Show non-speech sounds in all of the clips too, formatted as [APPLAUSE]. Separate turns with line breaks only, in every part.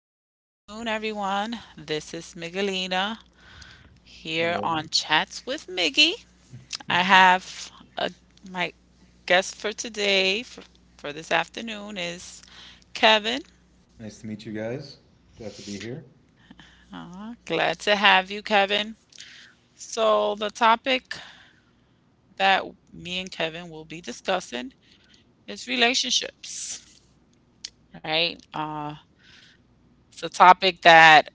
Good afternoon, everyone. This is Miguelina here
Hello.
on Chats with Miggy. I have a, my guest for today, for this afternoon, is Kevin.
Nice to meet you guys. Glad to be here.
Aw, glad to have you, Kevin. So, the topic that me and Kevin will be discussing is relationships, right? It's a topic that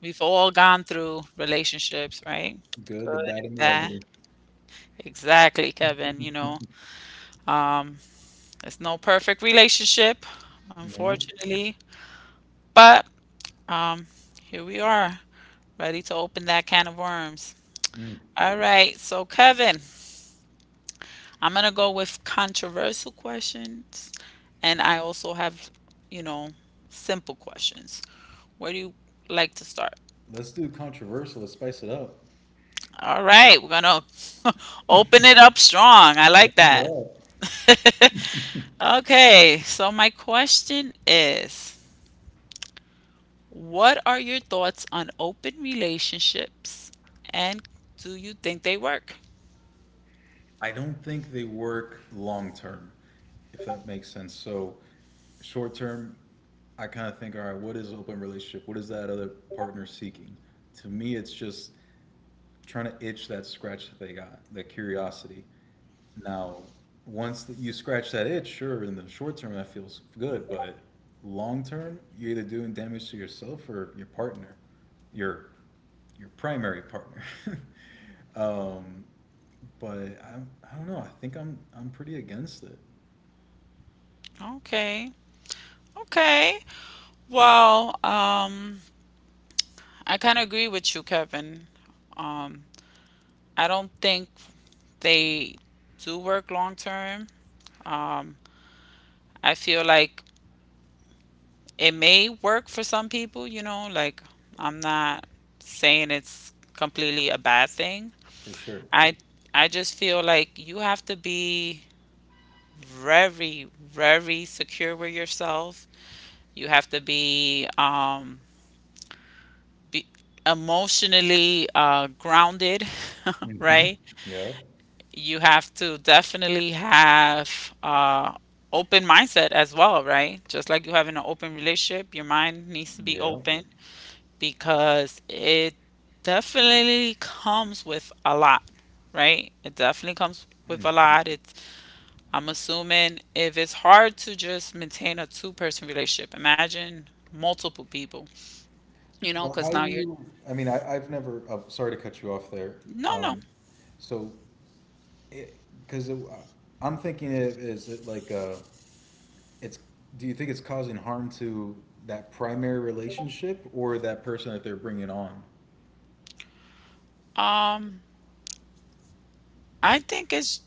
we've all gone through relationships, right?
Good, the
Good,
bad, and the
bad.
ugly.
Exactly, Kevin. You know, Um, it's no perfect relationship,
No?
unfortunately, but um, here we are, ready to open that can of worms.
Mm.
All right, so Kevin, I'm gonna go with controversial questions, and I also have, you know, simple questions. Where do you like to start?
Let's do controversial. Let's spice it up.
All right, we're gonna [LAUGHS] open it up strong. I like
Open it
that.
up.
[LAUGHS] Okay, so my question is, what are your thoughts on open relationships, and do you think they work?
I don't think they work long term, if that makes sense. So, short term, I kind of think, all right, what is open relationship? What is that other partner seeking? To me, it's just trying to itch that scratch that they got, that curiosity. Now, once that you scratch that itch, sure, in the short term that feels good, but long term, you're either doing damage to yourself or your partner, your your primary partner. [LAUGHS] um, but I, I don't know. I think I'm pretty against it
Okay. Okay. Well, I kind of agree with you, Kevin. Um I don't think they do work long term. Um I feel like it may work for some people, you know, like I'm not saying it's completely a bad thing.
for sure.
I I just feel like you have to be very, very secure with yourself. You have to be emotionally grounded, [LAUGHS]
Hmm.
right?
Yeah.
You have to definitely have open mindset as well, right? Just like you have in an open relationship, your mind needs to be
Yeah.
open because it definitely comes with a lot, right? It definitely comes with
Mm.
a lot. It. I'm assuming if it's hard to just maintain a two-person relationship, imagine multiple people, you know,
But
because
how
now
do
you're,
you? I mean, I, I've never. Sorry to cut you off there.
no, no.
Um, so, because it, 'cause it- I'm thinking it is it like a it's do you think it's causing harm to that primary relationship or that person that they're bringing on?
Um, I think it's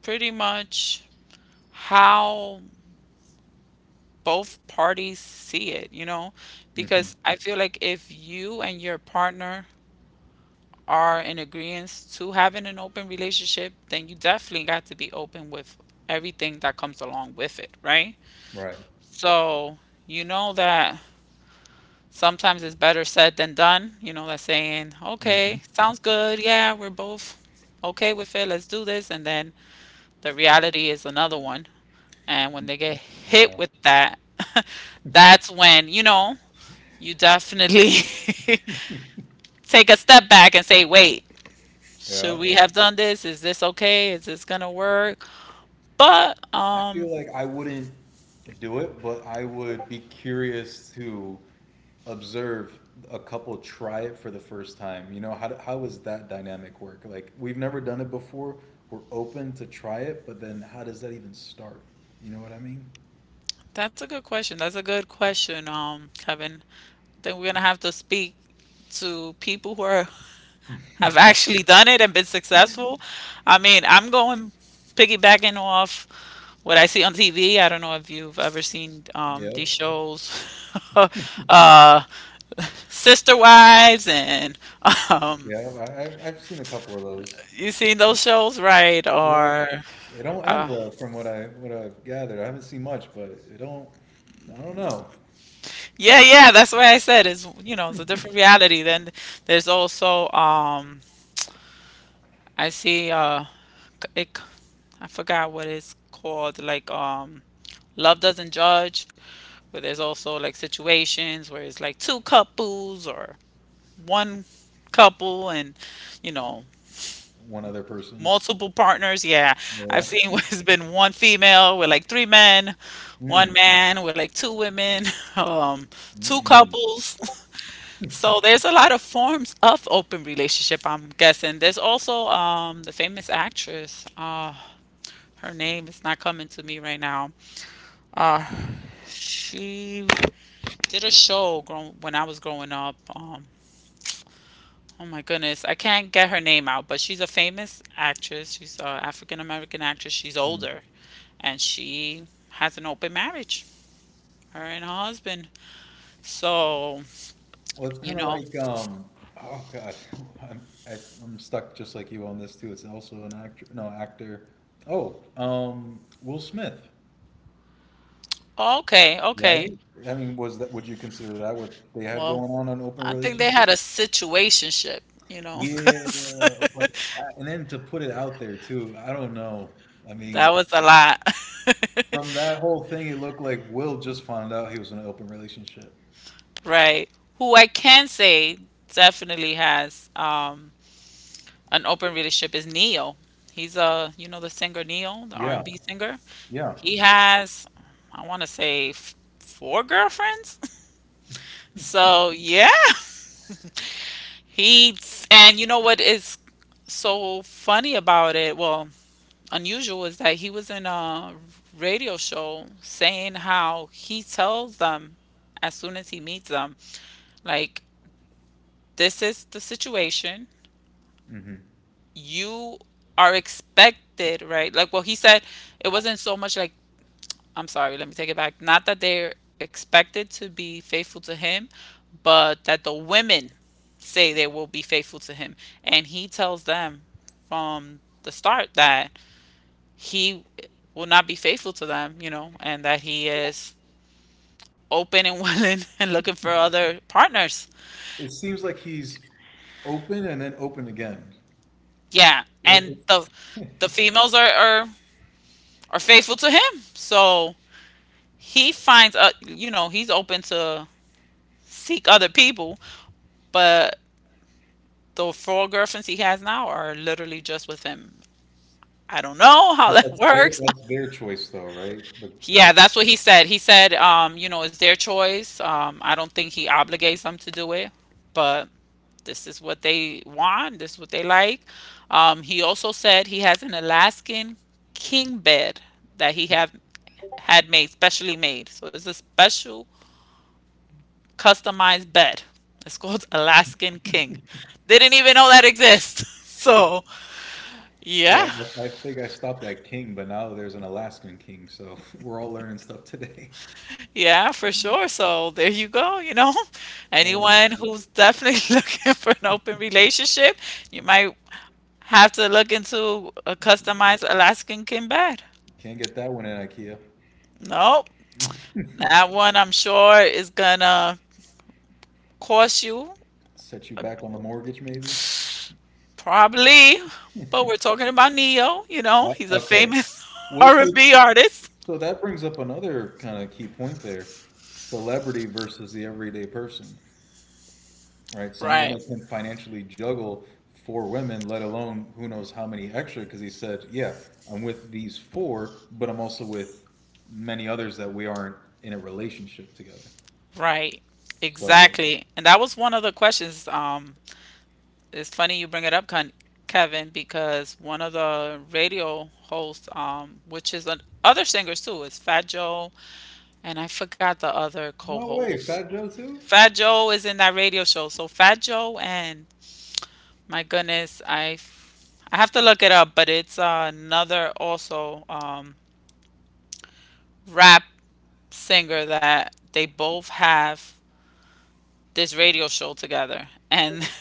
pretty much how both parties see it, you know,
Hmm.
because I feel like if you and your partner are in agreement to having an open relationship, then you definitely got to be open with everything that comes along with it, right?
Right.
So you know that sometimes it's better said than done. You know, that saying,
Hmm.
okay, sounds good. Yeah, we're both okay with it. Let's do this. And then the reality is another one. And when they get
Yeah.
hit with that, [LAUGHS] that's when, you know, you definitely [LAUGHS] take a step back and say, wait,
Yeah.
should we have done this? Is this okay? Is this gonna work? But
I feel like I wouldn't do it, but I would be curious to observe a couple try it for the first time. You know, how does that dynamic work? Like, we've never done it before. We're open to try it, but then how does that even start? You know what I mean?
that's a good question. That's a good question, Kevin. I think we're gonna have to speak to people who are have actually done it and been successful. I mean, I'm going piggybacking off what I see on TV. I don't know if you've ever seen
Yeah.
these shows, [LAUGHS] uh, Sister Wives, and um,
Yeah. I- I've seen a couple of those.
you seen those shows, right?
Yeah.
Or
They don't end
uh,
well, from what I've gathered. I haven't seen much, but it don't. I don't know.
yeah, yeah, that's why I said is you know it's a different reality. Then there's also I see c- it, c- I forgot what it's called, like Love Doesn't Judge. But there's also like situations where it's like two couples or one couple and, you know,
One other person.
multiple partners. Yeah,
Yeah.
I've seen [LAUGHS]
[LAUGHS]
where it's been one female with like three men, one
Mm,
man with like two women, [LAUGHS] um,
mm,
two
mm,
couples. [LAUGHS] So there's a lot of forms of open relationship, I'm guessing. There's also the famous actress. Her name is not coming to me right now. Uh, she did a when I was growing up. Oh my goodness. I can't get her name out, but she's a famous actress. She's an African American actress. She's
mm.
older and she has an open marriage, her and her husband. So,
Well, it's
you
kind of
know,
like um. Oh God, [LAUGHS] I'm I, I'm stuck just like you on this too. It's also an actor. No, actor. Oh, Will Smith.
okay, okay.
Right? I mean, was that? Would you consider that what they had
Well,
going on an open
I think they
relationship?
had a situationship, you know, [LAUGHS]
Yeah,
'cause
but and then to put it out there too. I don't know. I
[LAUGHS]
mean.
that was a lot. [LAUGHS]
From that whole thing, it looked like Will just found out he was in an open relationship.
Right. Who I can say definitely has an open relationship is Neo. He's a, you know, the singer Neo, the
Yeah,
R&B singer.
yeah.
He has, I want to say, four girlfriends. [LAUGHS] So yeah, he and you know what is so funny about it? Well, unusual is that he was in a radio show saying how he tells them as soon as he meets them, like, this is the situation.
Hmm.
You are expected, right? Like, well, he said it wasn't so much like I'm sorry, let me take it back. Not that they're expected to be faithful to him, but that the women say they will be faithful to him. And he tells them from the start that he will not be faithful to them, you know, and that he is open and [LAUGHS] willing and looking for other partners.
It seems like he's open and then open again.
Yeah. And
That-
the females are faithful to him. So he finds you know, he's open to seek other people, but the four girlfriends he has now are literally just with him. I don't know how
But
that [LAUGHS]
that's
works.
their choice, though, right? But
Yeah,
the,
that's what he said. He said, you know, it's their choice. I don't think he obligates them to do it, but this is what they want. This is what they like. He also said he has an Alaskan king bed that he have had made, specially made. So it's a special customized bed. It's called [LAUGHS] Alaskan King. Didn't even know that exists. [LAUGHS] So
[LAUGHS] yeah,
yeah.
but I think I stopped at king, but now there's an Alaskan king, so [LAUGHS] we're all learning stuff today. [LAUGHS]
Yeah, for sure. So there you go, you know. [LAUGHS]
Oh, my
Anyone who's
God.
definitely [LAUGHS] looking for an open relationship, you might have to look into a customized Alaskan king bed.
Can't get that one in IKEA.
Nope.
[LAUGHS]
That one I'm sure is gonna cost you
Set you back on the mortgage, maybe.
probably, but we're talking about Neo, you know,
Well,
he's a
okay.
famous [LAUGHS]
Which
R&B artist.
So that brings up another kind of key point there, celebrity versus the everyday person, right? Someone
Right.
that can financially juggle four women, let alone who knows how many extra, because he said, yeah, I'm with these four, but I'm also with many others that we aren't in a relationship together.
Right.
So,
Exactly. And that was one of the questions it's funny you bring it up, Kevin, because one of the radio hosts, which is other singers too, is Fat Joe, and I forgot the other
no way,
co-host.
Fat Joe too?
Fat Joe is in that radio show, so Fat Joe and my goodness, I have to look it up, but it's another also rap singer that they both have this radio show together, and [LAUGHS]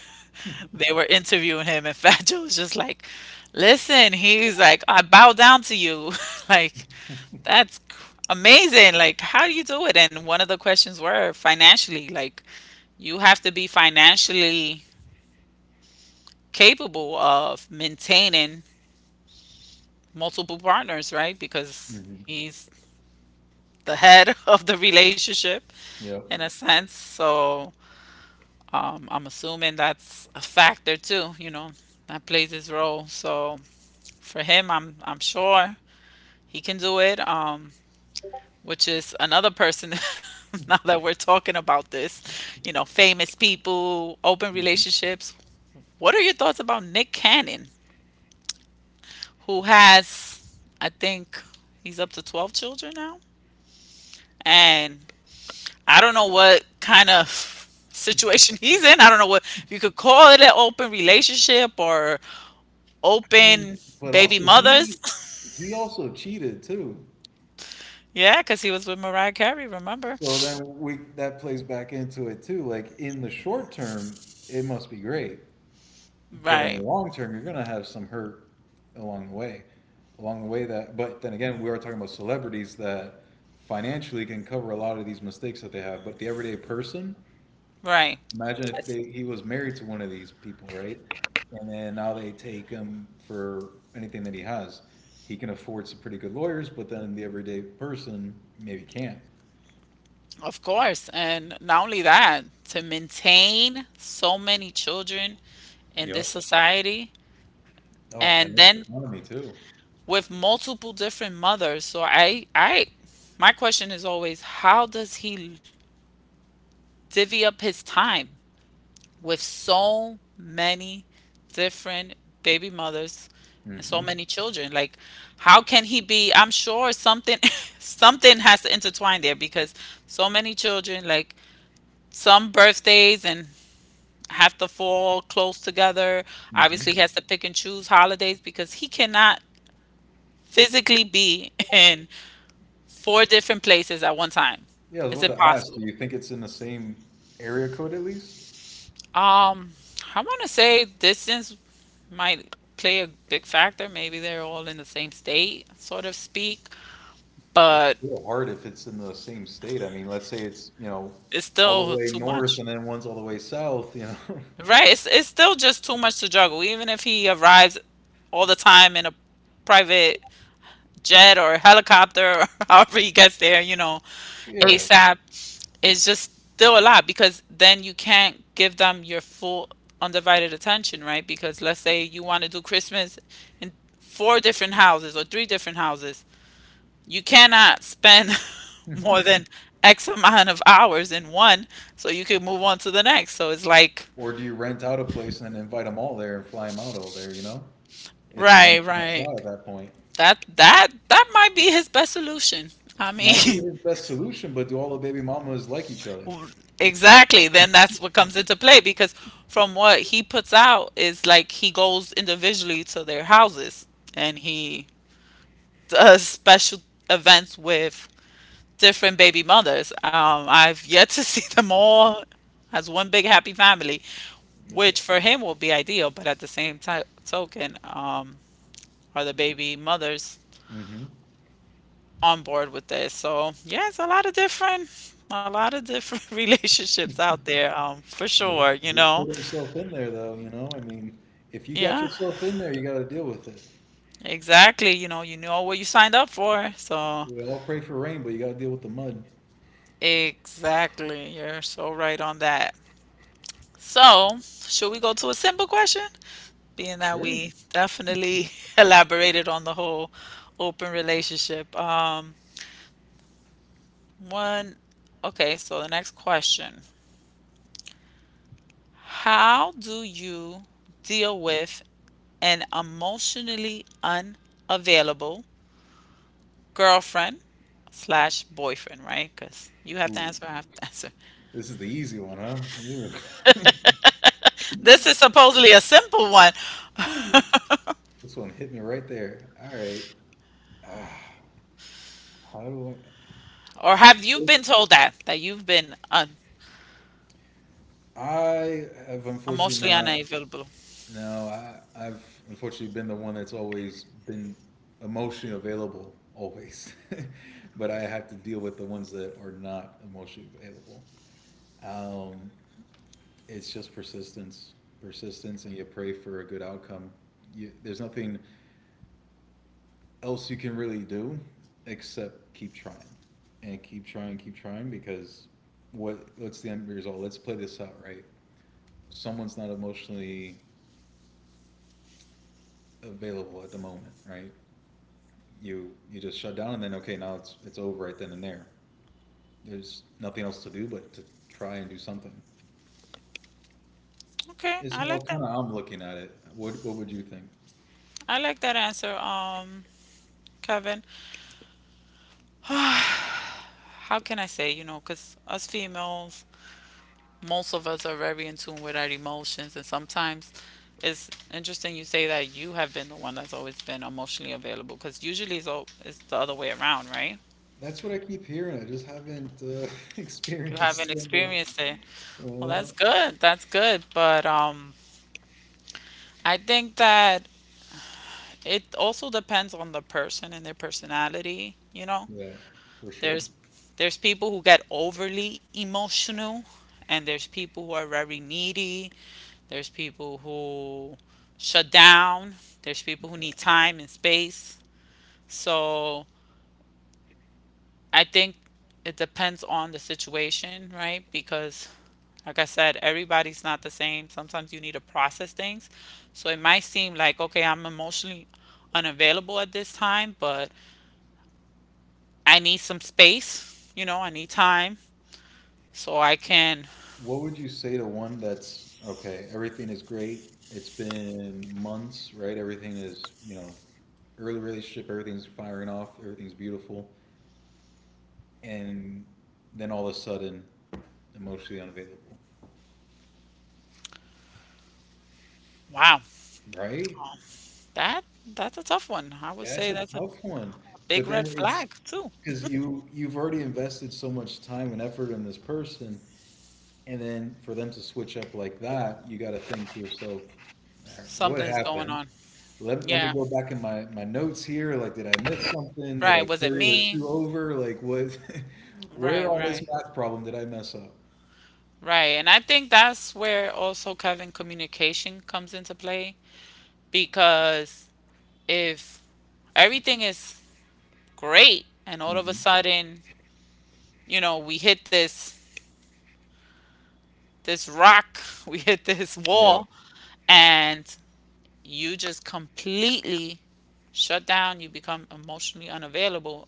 they were interviewing him, and [LAUGHS] Fat Joe was just like, "Listen," he's like, "I bow down to you." [LAUGHS] Like, that's amazing. Like, how do you do it? And one of the questions were financially. Like, you have to be financially capable of maintaining multiple partners, right? Because
Hmm.
he's the head [LAUGHS] of the relationship
Yep.
in a sense. So, I'm assuming that's a factor too. You know, that plays its role. So for him, I'm sure he can do it, which is another person [LAUGHS] now that we're talking about this, you know, famous people, open
I
relationships. What are your thoughts about Nick Cannon, who has, I think, he's up to 12 children now? And I don't know what kind of [LAUGHS] situation he's in. I don't know what, if you could call it an open relationship or
mean,
open
but
baby
also
mothers.
he also cheated too.
[LAUGHS] Yeah, because he was with Mariah Carey, remember?
So then we that plays back into it too. Like in the short term, it must be great, but in
Right,
the long term, you're gonna have some hurt along the way. Along the way that, but then again, we are talking about celebrities that financially can cover a lot of these mistakes that they have. But the everyday person,
right.
imagine if they, he was married to one of these people, right? And then now they take him for anything that he has. He can afford some pretty good lawyers, but then the everyday person maybe can't.
Of course. And not only that, to maintain so many children in this
Yep.
society
Oh, and
and
this
then
economy too.
with multiple different mothers. So I my question is always how does he divvy up his time with so many different baby mothers and so
Hmm.
many children? Like how can he be I'm sure something [LAUGHS] something has to intertwine there because so many children like some birthdays and have to fall close together. Obviously,
Hmm.
he has to pick and choose holidays because he cannot physically be [LAUGHS] in four different places at one time.
Yeah, I was
It's
about to ask, do
impossible.
you think it's in the same area code at least?
Um, I want to say distance might play a big factor. Maybe they're all in the same state, sort of speak,
It's
but
still hard if it's in the same state. I mean, let's say it's, you know,
it's
all the
still
way
too
north
much.
and then one's all the way south, you know? [LAUGHS]
Right? It's still just too much to juggle. Even if he arrives all the time in a private jet or helicopter [LAUGHS] or however he gets there, you know,
Yeah.
ASAP is just still a lot because then you can't give them your full undivided attention, right? Because let's say you want to do Christmas in four different houses or three different houses. You cannot spend [LAUGHS] more than X amount of hours in one so you can move on to the next. So it's like,
Or do you rent out a place and invite them all there and fly them out all there, you know? It's a
right,
one-stop
right.
shop at that point.
That might be his best solution. I
Might be
mean,
his
[LAUGHS]
best solution, but do all the baby mamas like each other?
exactly. Then that's what comes into play because from what he puts out is like he goes individually to their houses and he does special events with different baby mothers. I've yet to [LAUGHS] see them all as one big happy family, which for him will be ideal. But at the same ti token, are the baby mothers
Hmm.
on board with this? So yeah, it's a lot of different, a lot of different [LAUGHS] relationships out there, for sure. You
He
know.
put himself in there, though, you know? I mean, if you got
Yeah,
yourself in there, you got to deal with it.
exactly. You know what you signed up for. So,
We all pray for rain, but you got to deal with the mud.
exactly. You're so right on that. So, should we go to a simple question? Being that
Sure.
we definitely [LAUGHS] elaborated on the whole open relationship. One, okay, so the next question. How do you deal with an emotionally unavailable girlfriend slash boyfriend, right? Because you have to
Ooh,
answer, I have to [LAUGHS] answer.
this is the easy one, huh?
This is
Ooh.
supposedly a simple one.
[LAUGHS] Ooh, this one hit me right there. All right. Ah, how do I?
Or have you been
It's-
told that you've been un-
I have unfortunately
emotionally
not.
unavailable?
No, I've unfortunately been the one that's always been emotionally available, always. [LAUGHS] But I have to deal with the ones that are not emotionally available. Um, it's just persistence, and you pray for a good outcome. There's nothing else you can really do except keep trying and keep trying because what's the end result? Let's play this out, right? Someone's not emotionally available at the moment, right? You just shut down and then okay, now it's over right then and there. There's nothing else to do but to try and do something.
Okay,
Is
I
how
like
kind
that.
of I'm looking at it. What would you think?
I like that answer, Kevin. How can I say, you know, because us females, most of us are very in tune with our emotions, and sometimes it's interesting you say that you have been the one that's always been emotionally available, because usually it's the other way around, right?
That's what I keep hearing. I just haven't [LAUGHS]
You haven't
experienced them.
experienced it. Well,
Uh,
that's good. That's good. But I think that it also depends on the person and their personality, you know.
yeah, for sure.
There's there's people who get overly emotional, and there's people who are very needy. There's people who shut down. There's people who need time and space. So, I think it depends on the situation, right? Because like I said, everybody's not the same. Sometimes you need to process things. So it might seem like, okay, I'm emotionally unavailable at this time, but I need some space, you know, I need time so I can
What would you say to one that's okay? Everything is great. It's been months, right? Everything is, you know, early relationship. Everything's firing off. Everything's beautiful, and then all of a sudden, emotionally unavailable,
wow.
right?
um, That that's a tough one. I would
That's
say
a
that's a
tough one. But
big red
then it's
flag too.
because you you've already invested so much time and effort in this person. And then for them to switch up like that, you got to think to yourself, all right, what
Something's going
happened?
on.
Let me
Yeah.
go back in my notes here. Like, did I miss something? Did I
Right. Was it
carry the
me?
two over? Like, what, [LAUGHS] where
Right,
on this
right.
math problem did I mess up?
Right. And I think that's where also Kevin communication comes into play because if everything is great and all of
Hmm.
a sudden, you know, we hit this rock, [LAUGHS] we hit this
Yeah.
wall, and you just completely shut down, you become emotionally unavailable,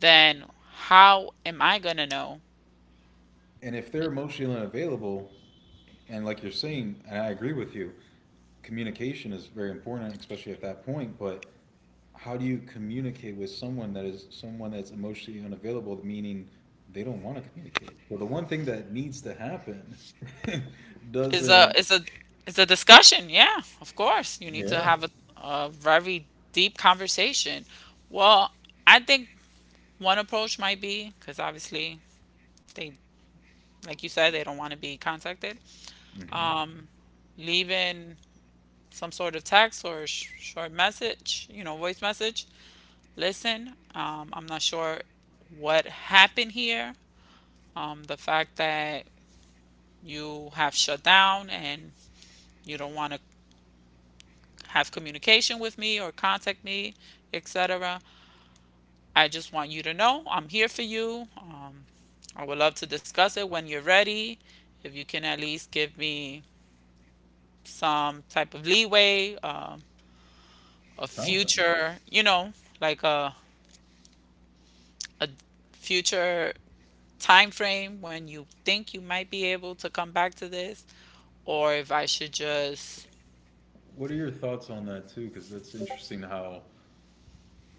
then how am I gonna know?
And if they're emotionally unavailable, and like you're saying, and I agree with you, communication is very important, especially at that point, but how do you communicate with someone that is someone that's emotionally unavailable meaning they don't want to communicate so the one thing that needs to happen [LAUGHS]
Is a
doesn't.
is a is a discussion. Yeah, of course, you need to
Yeah.
have a very deep conversation. Well, I think one approach might be because obviously they, like you said, they don't want to be contacted.
Hmm.
Leaving some sort of text or sh- short message, you know, voice message. Listen, I'm not sure what happened here. The fact that you have shut down and you don't want to have communication with me or contact me, etc. I just want you to know I'm here for you. I would love to discuss it when you're ready. If you can at least give me some type of leeway, a
Something.
future, you know, like a future time frame when you think you might be able to come back to this, or if I should just
What are your thoughts on that too, because that's interesting how,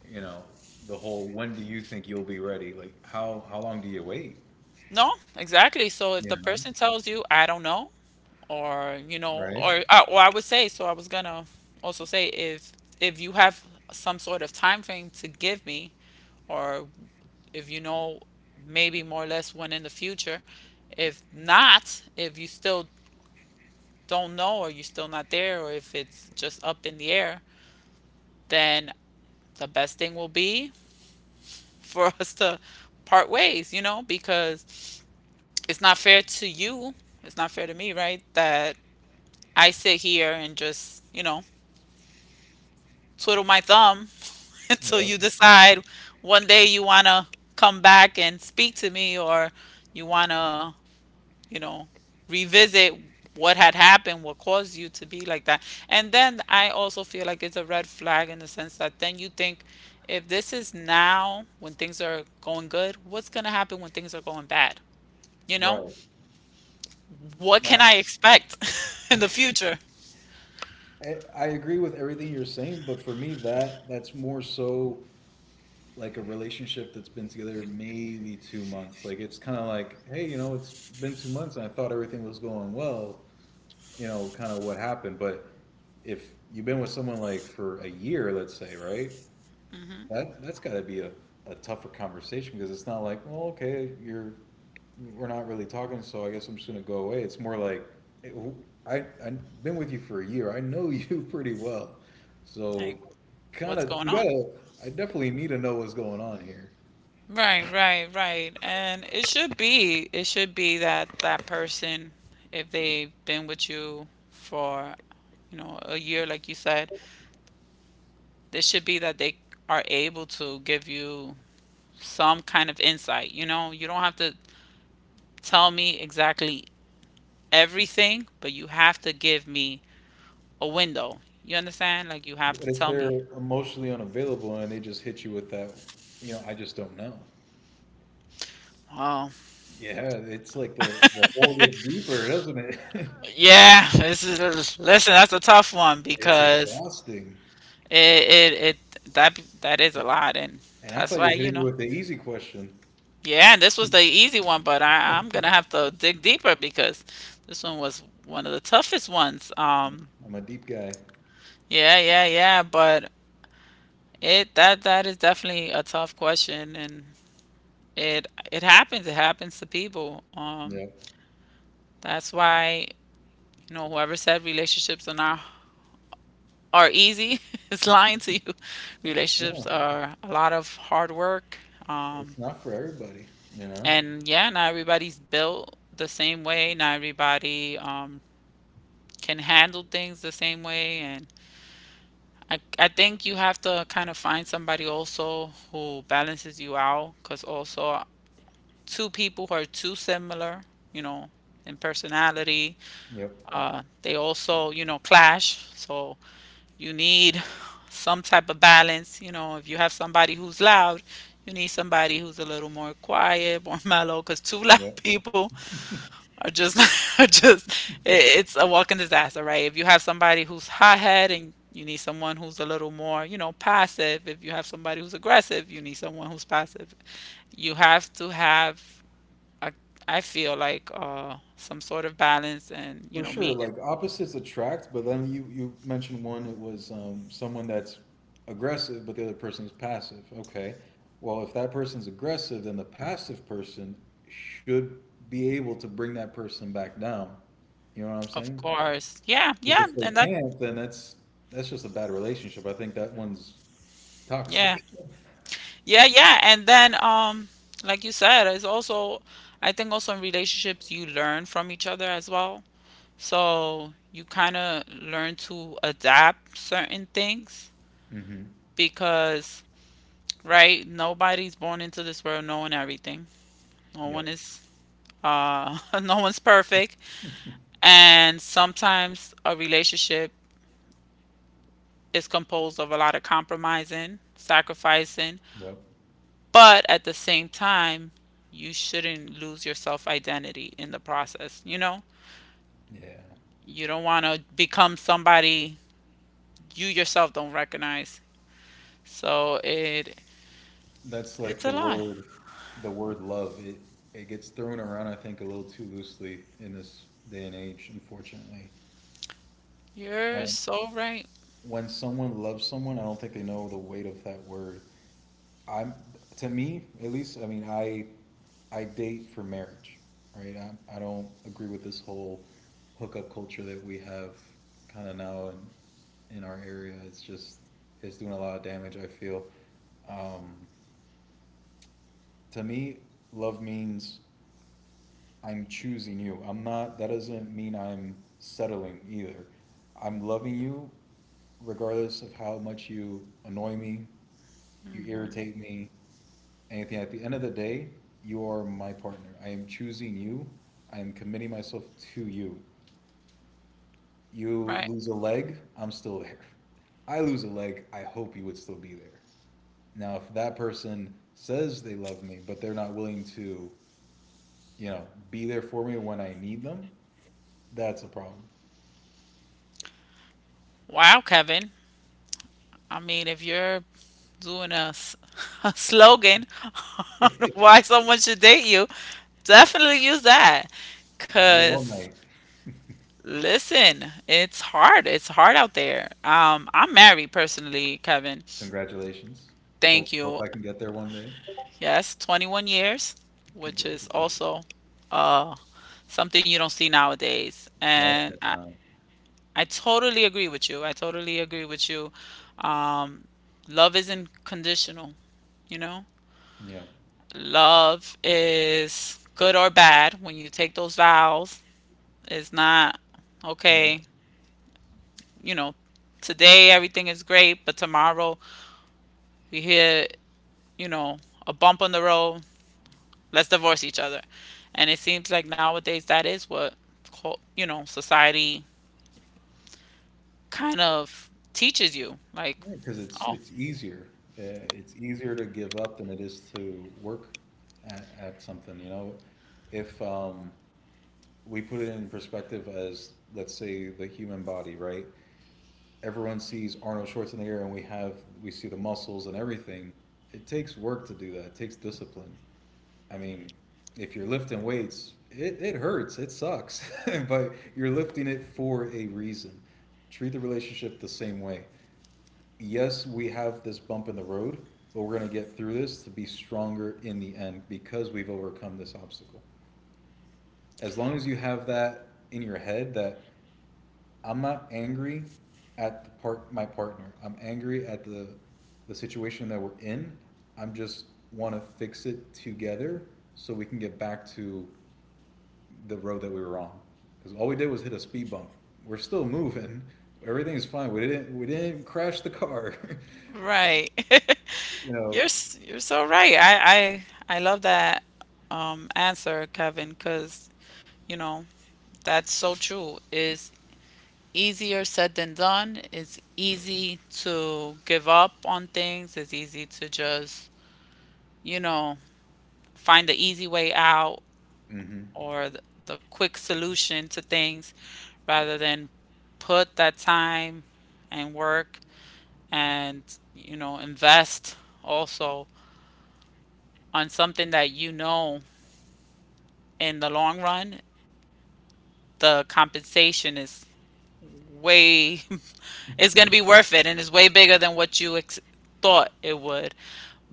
you know, the whole when do you think you'll be ready, like how long do you wait,
no, exactly. So if
you
the
know?
person tells you, I don't know, or you know,
Right.
or I would say, so I was gonna also say if you have some sort of time frame to give me, or if you know maybe more or less when in the future, if not, if you still don't know or you're still not there, or if it's just up in the air, then the best thing will be for [LAUGHS] us to part ways, you know, because it's not fair to you, it's not fair to me, right? That I sit here and just, you know, twiddle my thumb [LAUGHS] until
Yep.
you decide one day you want to come back and speak to me, or you want to, you know, revisit what had happened, what caused you to be like that. And then I also feel like it's a red flag in the sense that then you think if this is now when things are going good, what's going to happen when things are going bad? You know,
Right.
what
Now
can I expect [LAUGHS] in the future?
I agree with everything you're saying but for me that that's more so like a relationship that's been together maybe 2 months. Like it's kind of like, hey, you know, it's been 2 months and I thought everything was going well. You know, kind of what happened. But if you've been with someone like for a year, let's say, right? That that's got to be a tougher conversation because it's not like, well, okay, you're we're not really talking, so I guess I'm just gonna go away. It's more like, eh, I've been with you for a year. I know you [LAUGHS] pretty well, so
Like,
kind
what's
of
going
you
on?
gotta. I definitely need to know what's going on here.
Right, right, right. And it should be that that person, if they've been with you for, you know, a year like you said, it should be that they are able to give you some kind of insight, you know? You don't have to tell me exactly everything, but you have to give me a window. You understand? Like you have
But
to
if
tell me.
they're emotionally unavailable and they just hit you with that, you know, I just don't know.
Oh,
Yeah, it's like the hole gets deeper, doesn't it? [LAUGHS]
yeah, this is listen, that's a tough one
It's
because
exhausting.
it that that is a lot, and
And I
that's
thought you
why,
were
you
hitting me
know.
with the easy question.
Yeah, and this was the easy one, but I'm gonna have to dig deeper because this one was one of the toughest ones.
I'm a deep guy.
Yeah, yeah, yeah, but it that that is definitely a tough question, and it happens. It happens to people.
Yep.
That's why, you know, whoever said relationships are not are easy [LAUGHS] is lying to you.
Yeah.
Relationships are a lot of hard work. Um,
It's not for everybody, you know?
And yeah, not everybody's built the same way. Not everybody can handle things the same way. And I think you have to kind of find somebody also who balances you out. Because also, two people who are too similar, you know, in personality,
Yep.
they also, you know, clash. So you need some type of balance. You know, if you have somebody who's loud, you need somebody who's a little more quiet, more [LAUGHS] mellow, because two [LAUGHS] loud
Yep.
people or just, [LAUGHS] just it's a walking disaster, right? If you have somebody who's hot head and you need someone who's a little more, you know, passive. If you have somebody who's aggressive, you need someone who's passive. You have to have, I, I feel like, some sort of balance and, you
For
know,
sure,
meeting.
like opposites attract, but then you mentioned one it was someone that's aggressive, but the other person is passive. Okay, well if that person's aggressive, then the passive person should be able to bring that person back down. You know what I'm
Of
saying?
course. Yeah, yeah.
Because if
And
they
that,
can't, then that's just a bad relationship. I think that one's
yeah.
toxic.
Yeah, yeah. And then, like you said, it's also, I think also in relationships, you learn from each other as well. So you kind of learn to adapt certain things
[LAUGHS] Hmm.
because, right, nobody's born into this world knowing everything. No one
Yep.
is, [LAUGHS] no one's perfect. And sometimes a relationship is composed of a lot of compromising, sacrificing,
Yep.
but at the same time, you shouldn't lose your self identity in the process, you know?
Yeah.
You don't want to become somebody you yourself don't recognize. So it
That's like
it's a lot.
the word love. It gets thrown around, I think, a little too loosely in this day and age, unfortunately.
You're
Um,
so right.
when someone loves someone, I don't think they know the weight of that word. I'm To me, at least, I mean, I date for marriage, right? I don't agree with this whole hookup culture that we have kind of now in our area. It's just it's doing a lot of damage, I feel. Um, to me, love means I'm choosing you. I'm not, that doesn't mean I'm settling either. I'm loving you regardless of how much you annoy me, you irritate me, anything. At the end of the day, you are my partner. I am choosing you. I am committing myself to you. You
Right.
lose a leg, I'm still there. I lose a leg, I hope you would still be there. Now, if that person says they love me, but they're not willing to, you know, be there for me when I need them, that's a problem.
Wow, Kevin. I mean, if you're doing a, s- [LAUGHS] a slogan [LAUGHS] on why someone should date you, definitely use that.
I'm here all
Cause
night.
listen, it's hard. It's hard out there. I'm married personally, Kevin.
Congratulations. Hope
Thank
hope
you.
I can get there one day.
Yes, 21 years, which is
Congratulations.
also uh something you don't see nowadays. And
Definitely not.
I totally agree with you. I totally agree with you. Um, love isn't conditional, you know?
Yeah.
Love is good or bad when you take those vows. It's not,
Yeah.
okay, you know, today everything is great, but tomorrow we hit, you know, a bump on the road. Let's divorce each other. And it seems like nowadays that is what, cul- you know, society kind of teaches you. Like,
Because it's
oh,
it's easier. It's easier to give up than it is to work at something. You know, if we put it in perspective as, let's say, the human body, right? Everyone sees Arnold Schwarzenegger, and we see the muscles and everything. It takes work to do that. It takes discipline. I mean, if you're lifting weights, it hurts, it sucks, [LAUGHS] but you're lifting it for a reason. Treat the relationship the same way. Yes, we have this bump in the road, but we're going to get through this to be stronger in the end because we've overcome this obstacle. As long as you have that in your head, that I'm not angry at the part my partner. I'm angry at the situation that we're in. I'm just want to fix it together so we can get back to the road that we were on, because all we did was hit a speed bump. We're still moving. Everything's fine. We didn't crash the car. [LAUGHS]
right.
You
[LAUGHS]
know.
You're so right. I love that answer, Kevin, because you know, that's so true. It's easier said than done. It's easy to give up on things. It's easy to just, you know, find the easy way out
Hmm.
or the quick solution to things rather than put that time and work and you know invest also on something that you know in the long run, the compensation is way [LAUGHS] it's going to be worth it and it's way bigger than what you ex- thought it would.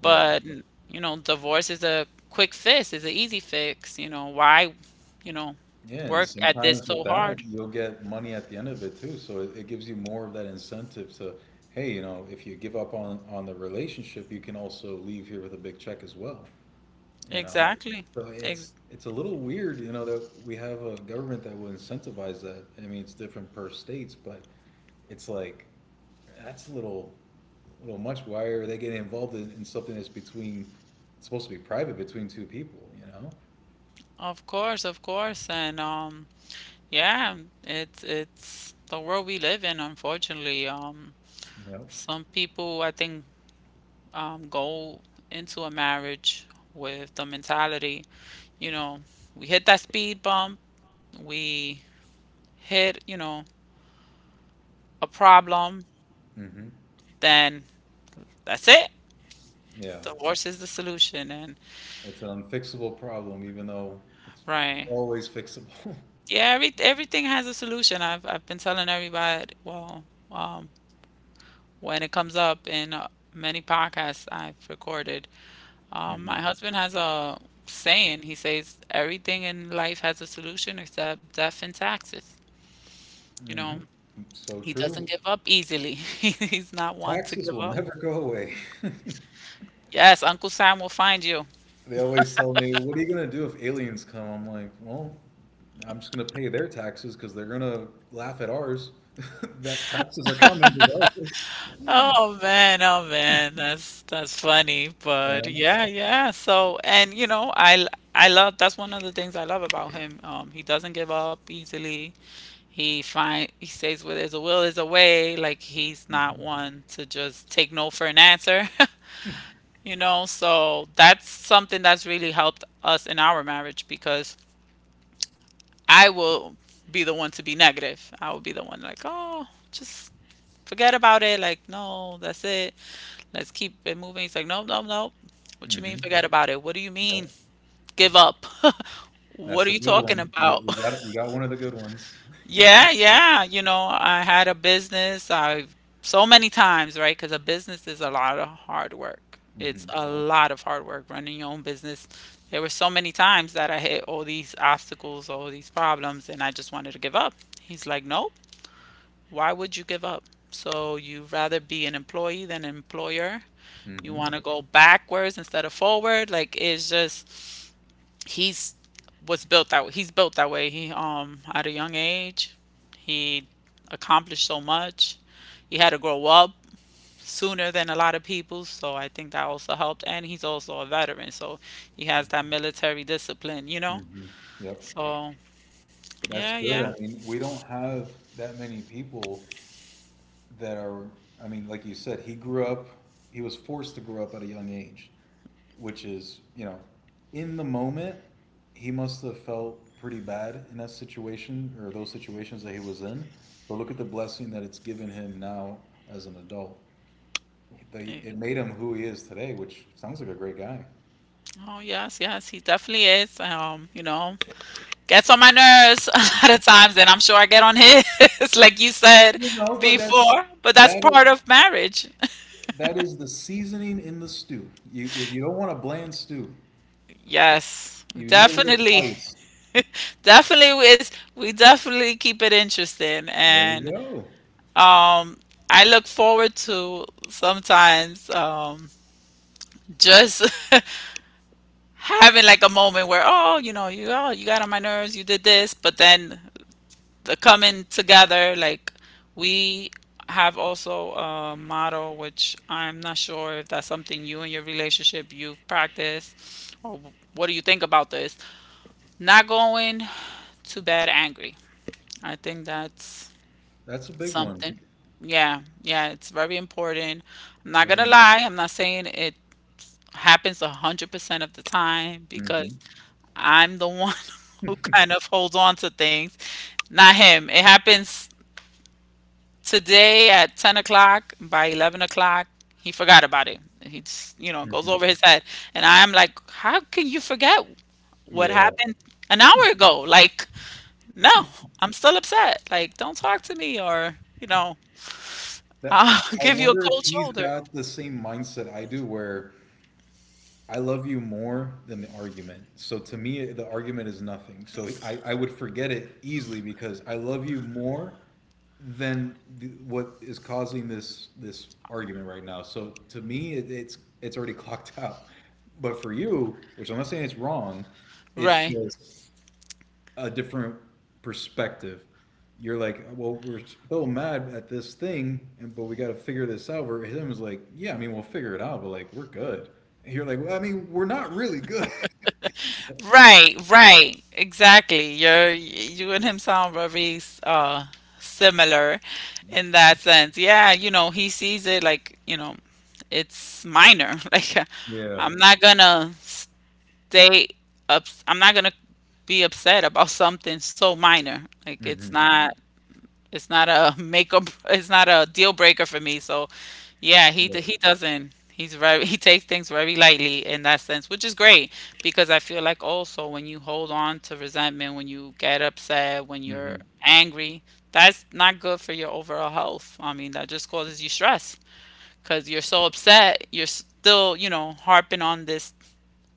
Yeah.
But you know, divorce is a quick fix, is an easy fix. You know, why, you know,
Yeah. And
work at this
sometimes
so
with that,
hard?
you'll get money at the end of it too. So it gives you more of that incentive to, hey, you know, if you give up on the relationship, you can also leave here with a big check as well. You know.
Exactly.
So it's
Ex-
it's a little weird, you know, that we have a government that will incentivize that. I mean, it's different per states, but it's like, that's a little, little much. Why are they getting involved in something that's between, it's supposed to be private between two people? You
of course, and yeah, it's the world we live in, unfortunately.
know.
Some people, I think, go into a marriage with the mentality, you know, we hit that speed bump, we hit, you know, a problem,
Yep. Hmm.
then that's it.
Yeah,
Divorce is the solution. And
it's an unfixable problem, even though it's
right.
always fixable.
Yeah, everything has a solution. I've been telling everybody, well, um, when it comes up in many podcasts I've recorded,
[LAUGHS] Hmm.
my husband has a saying. He says, everything in life has a solution except death and taxes. You
Hmm.
know,
So
he
true.
doesn't give up easily. [LAUGHS] He's not one to
Taxes
give
will
up.
never go away. [LAUGHS]
Yes, Uncle Sam will find you.
They always tell me, "What are you gonna do if aliens come?" I'm like, "Well, I'm just gonna pay their taxes because they're gonna laugh at ours. [LAUGHS] That taxes are coming regardless."
Oh man, that's funny, but
[LAUGHS]
yeah, yeah. So, and you know, I love that's one of the things I love about him. He doesn't give up easily. He stays where there's a will, there's a way. Like he's not
Yeah.
one to just take no for an answer. [LAUGHS] You know, so that's something that's really helped us in our marriage because I will be the one to be negative. I will be the one like, oh, just forget about it. Like, no, that's it. Let's keep it moving. He's like, no, no, no. What you mean,
Hmm.
forget about it? What do you mean,
Yep.
give up? [LAUGHS]
That's
what are
a
you
good
talking
one. You,
about?
you got
[LAUGHS]
you got one of the good ones.
Yeah, yeah. You know, I had a business. I've so many times, right? Because a business is a lot of hard work. It's
Hmm.
a lot of hard work running your own business. There were so many times that I hit all these obstacles, all these problems, and I just wanted to give up. He's like, nope, why would you give up? So you'd rather be an employee than an employer. You
Hmm.
want to go backwards instead of forward. Like, it's just he's he's built that way. He at a young age, he accomplished so much. He had to grow up sooner than a lot of people, so I think that also helped. And he's also a veteran, so he has that military discipline, you know.
Hmm. Yep.
So yeah,
That's good.
yeah.
I mean, we don't have that many people that are. I mean, like you said, he grew up. He was forced to grow up at a young age, which is, you know, in the moment, he must have felt pretty bad in that situation or those situations that he was in. But look at the blessing that it's given him now as an adult. They
Eh,
it made him who he is today, which sounds like a great guy.
Oh yes, yes, he definitely is. You know, gets on my nerves [LAUGHS] a lot of times, and I'm sure I get on his, [LAUGHS] like you said
You know, but that's,
before. But that's
that is,
part of marriage.
that is the seasoning in the stew. You, if you don't want a bland stew,
Yes,
you need a little
definitely.
spice.
Definitely is, we definitely keep it interesting.
There you
And
go.
um I look forward to sometimes just [LAUGHS] having like a moment where, oh, you know, you oh, you got on my nerves, you did this, but then the coming together, like, we have also a motto, which I'm not sure if that's something you and your relationship you've practiced or what do you think about this? Not going too bad angry. I think that's
That's a big one.
something. Yeah, yeah, it's very important. I'm not gonna
Very.
lie, I'm not saying it happens 100% of the time,
Hmm.
because I'm the one [LAUGHS] who kind of holds on to things, not him. It happens today at 10 o'clock. By 11 o'clock, he forgot about it. He just, you know, goes
Hmm.
over his head. And I'm like, how can you forget what
Yeah.
happened an hour ago? Like, no, I'm still upset. Like, don't talk to me or, you know,
That,
I'll [LAUGHS]
I
give you a
wonder if
cold
he's
shoulder.
got the same mindset I do, where I love you more than the argument. So to me, the argument is nothing. So I would forget it easily because I love you more than the, what is causing this argument right now. So to me, it, it's already [LAUGHS] clocked out. But for you, which I'm not saying it's wrong, it's
Right.
just a different perspective. You're like, well, we're so mad at this thing, and but we got to figure this out. Where him is like, yeah, I mean, we'll figure it out, but like, we're good. And you're like, well, I mean, we're not really good. [LAUGHS]
Right, right. Exactly. You're, you and him sound very uh similar in that sense. Yeah, you know, he sees it like, you know, it's minor. [LAUGHS] Like,
Yeah.
I'm not gonna stay I'm not gonna be upset about something so minor. Like it's
Hmm.
not, it's not a [LAUGHS] make or it's not a deal breaker for me. So, yeah, he
Yeah.
d- he doesn't. He's very [LAUGHS] he takes things very lightly in that sense, which is great. Because I feel like also when you hold on to resentment, when you get upset, when you're
Hmm.
angry, that's not good for your overall health. I mean, that just causes you stress because you're so upset, you're still, you know, harping on this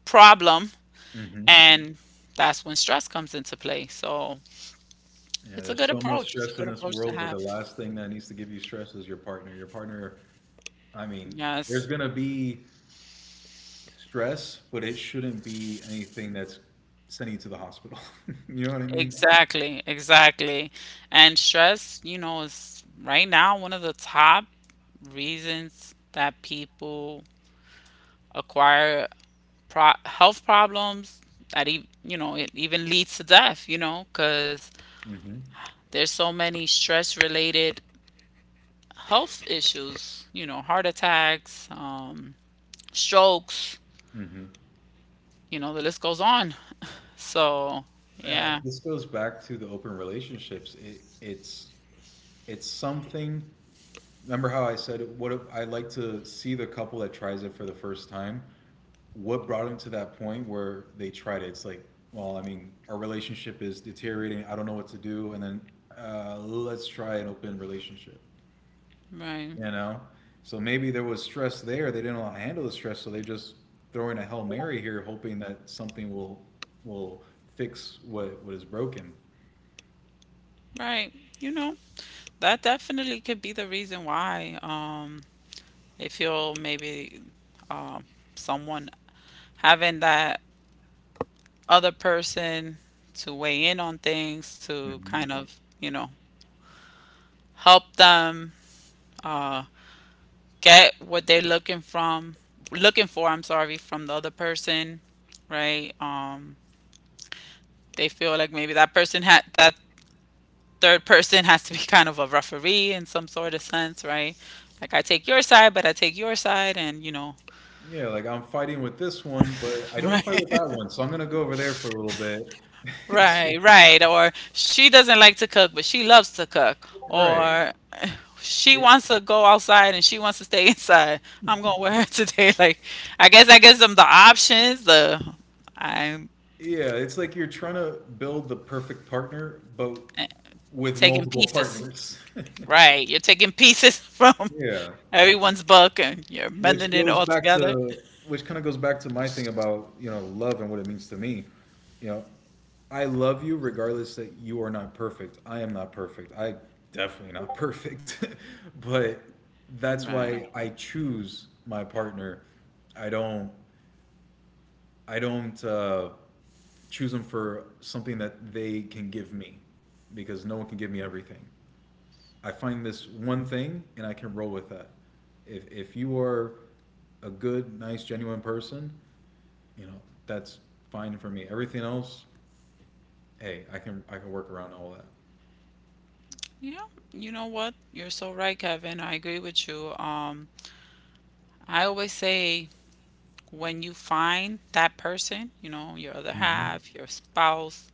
problem,
Hmm.
and that's when stress comes into play. So,
Yeah,
it's a
there's
good
so much
approach. It's a
stress in
good
this
approach to
world, but
have.
the last thing that needs to give you stress is your partner. Your partner, I mean, there's
Yes.
gonna be stress, but it shouldn't be anything that's sending you to the hospital. [LAUGHS] You know what I mean?
Exactly, exactly. And stress, you know, is right now one of the top reasons that people acquire pro health problems, that e you know, it even leads to death, you know, 'cause
Hmm.
there's so many stress-related health issues, you know, heart attacks, strokes,
Hmm.
you know, the list goes on. So, yeah,
This goes back to the open relationships. It, it's something. Remember how I said, what if I like to see the couple that tries it for the first time. What brought them to that point where they tried it? It's like, well, I mean, our relationship is deteriorating. I don't know what to do. And then let's try an open relationship,
right,
you know? So maybe there was stress there. They didn't know how to handle the stress. So they're just throwing a Hail Mary here, hoping that something will fix what is broken.
right. You know, that definitely could be the reason why. They feel maybe, um, someone having that other person to weigh in on things, to
Hmm.
kind of, you know, help them, uh, get what they're looking for, I'm sorry, from the other person, right? They feel like maybe that person had that third person has to be [LAUGHS] kind of a referee in some sort of sense, right? Like, I take your side, but I take your side, and you know,
Yeah, like I'm fighting with this one, but I
[LAUGHS]
don't fight with
right?
that one. So I'm going to go over there for a little bit. [LAUGHS] It's just,
Right, right. Or she doesn't like to cook, but she loves to cook.
right.
Or she
It,
wants to go outside and she wants to stay [LAUGHS] inside. I'm gonna wear [LAUGHS] today. Like, I guess I gives them the options. The I'm
yeah, it's like you're trying to build the perfect partner, but with
taking
multiple
pieces.
partners. [LAUGHS]
Right, you're taking pieces [LAUGHS] from
Yeah,
everyone's book and you're
which
mending it
goes
all
back
together.
to which kind of goes back to my thing about, you know, love and what it means to me. You know, I love you regardless that you are not perfect. I am not perfect. I definitely not perfect. [LAUGHS] But that's
Right.
why I choose my partner. I don't I don't choose them for something that they can give me, because no one can give me everything. I find this one thing and I can roll with that. If you are a good, nice, genuine person, you know, that's fine for me. Everything else, hey, I can work around all that.
Yeah. You know what? You're so right, Kevin. I agree with you. I always say when you find that person, you know, your other
Hmm.
half, your spouse,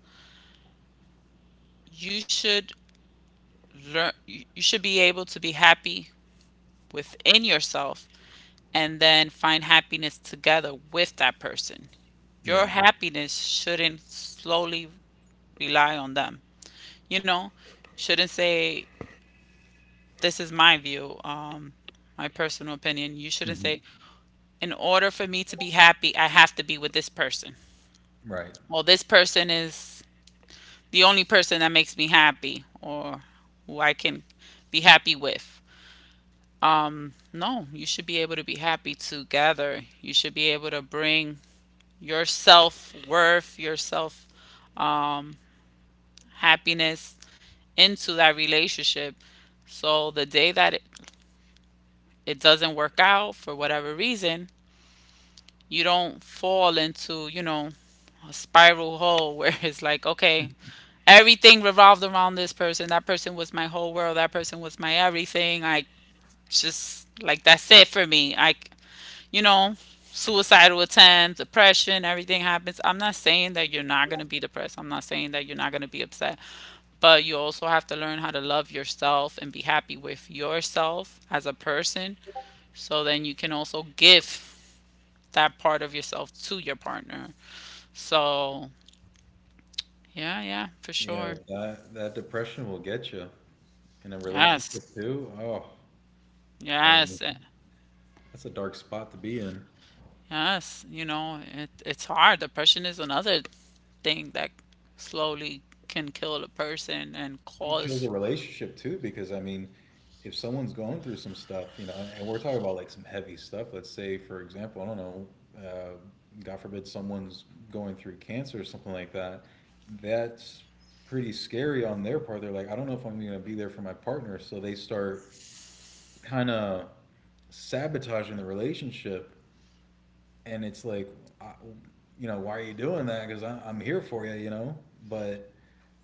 you should learn you you should be able to be happy within yourself and then find happiness together with that person. Your
Yeah.
happiness shouldn't slowly rely on them. You know, shouldn't say this is my view, my personal opinion. You shouldn't
Hmm.
say in order for me to be happy, I have to be with this person.
Right.
Well, this person is the only person that makes me happy or who I can be happy with. No, you should be able to be happy together. You should be able to bring your self worth, your self, um, happiness into that relationship. So the day that it doesn't work out for whatever reason, you don't fall into, you know, a spiral hole where [LAUGHS] it's like, okay, everything revolved around this person. That person was my whole world. That person was my everything. I just like that's it for me. I, you know, suicidal attempts, depression, everything happens. I'm not saying that you're not going to be depressed. I'm not saying that you're not going to be upset, but you also have to learn how to love yourself and be happy with yourself as a person. So then you can also give that part of yourself to your partner. So, yeah, yeah, for
Yeah,
sure.
that that depression will get you in a
Yes.
relationship too. Oh, I
Yes.
mean, that's a dark spot to be in.
Yes, you know, it's hard. Depression is another thing that slowly can kill a person and
Kills
cause,
a relationship too, because I mean, if someone's going through some stuff, you know, and we're talking about like some heavy stuff, let's say, for example, I don't know, uh, god forbid, someone's going through cancer or something like that. That's pretty scary on their part. They're like, I don't know if I'm going to be there for my partner, so they start kind of sabotaging the relationship. And it's like, I, you know, why are you doing that, because I'm here for you, you know? But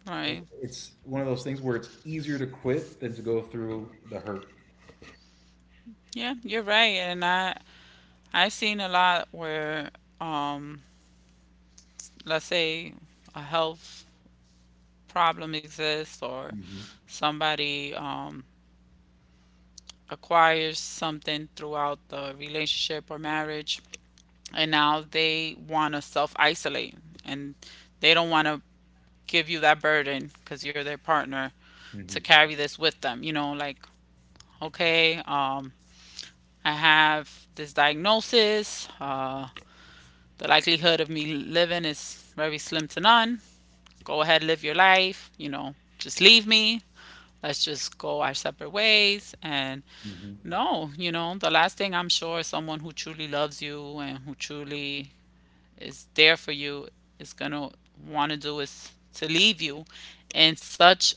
right.
it, it's one of those things where it's easier to quit than to go through the hurt.
Yeah, you're right, and I've seen a lot where, um let's say a health problem exists or
Hmm.
somebody acquires something throughout the relationship or marriage, and now they want to self isolate, and they don't want to give you that burden because you're their partner to
Hmm.
carry this with them, you know, like, okay, I have this diagnosis. The likelihood of me living is very slim to none. Go ahead, live your life. You know, just leave me. Let's just go our separate ways. And
Hmm.
no, you know, the last thing I'm sure is someone who truly loves you and who truly is there for you is going to want to do is to leave you in such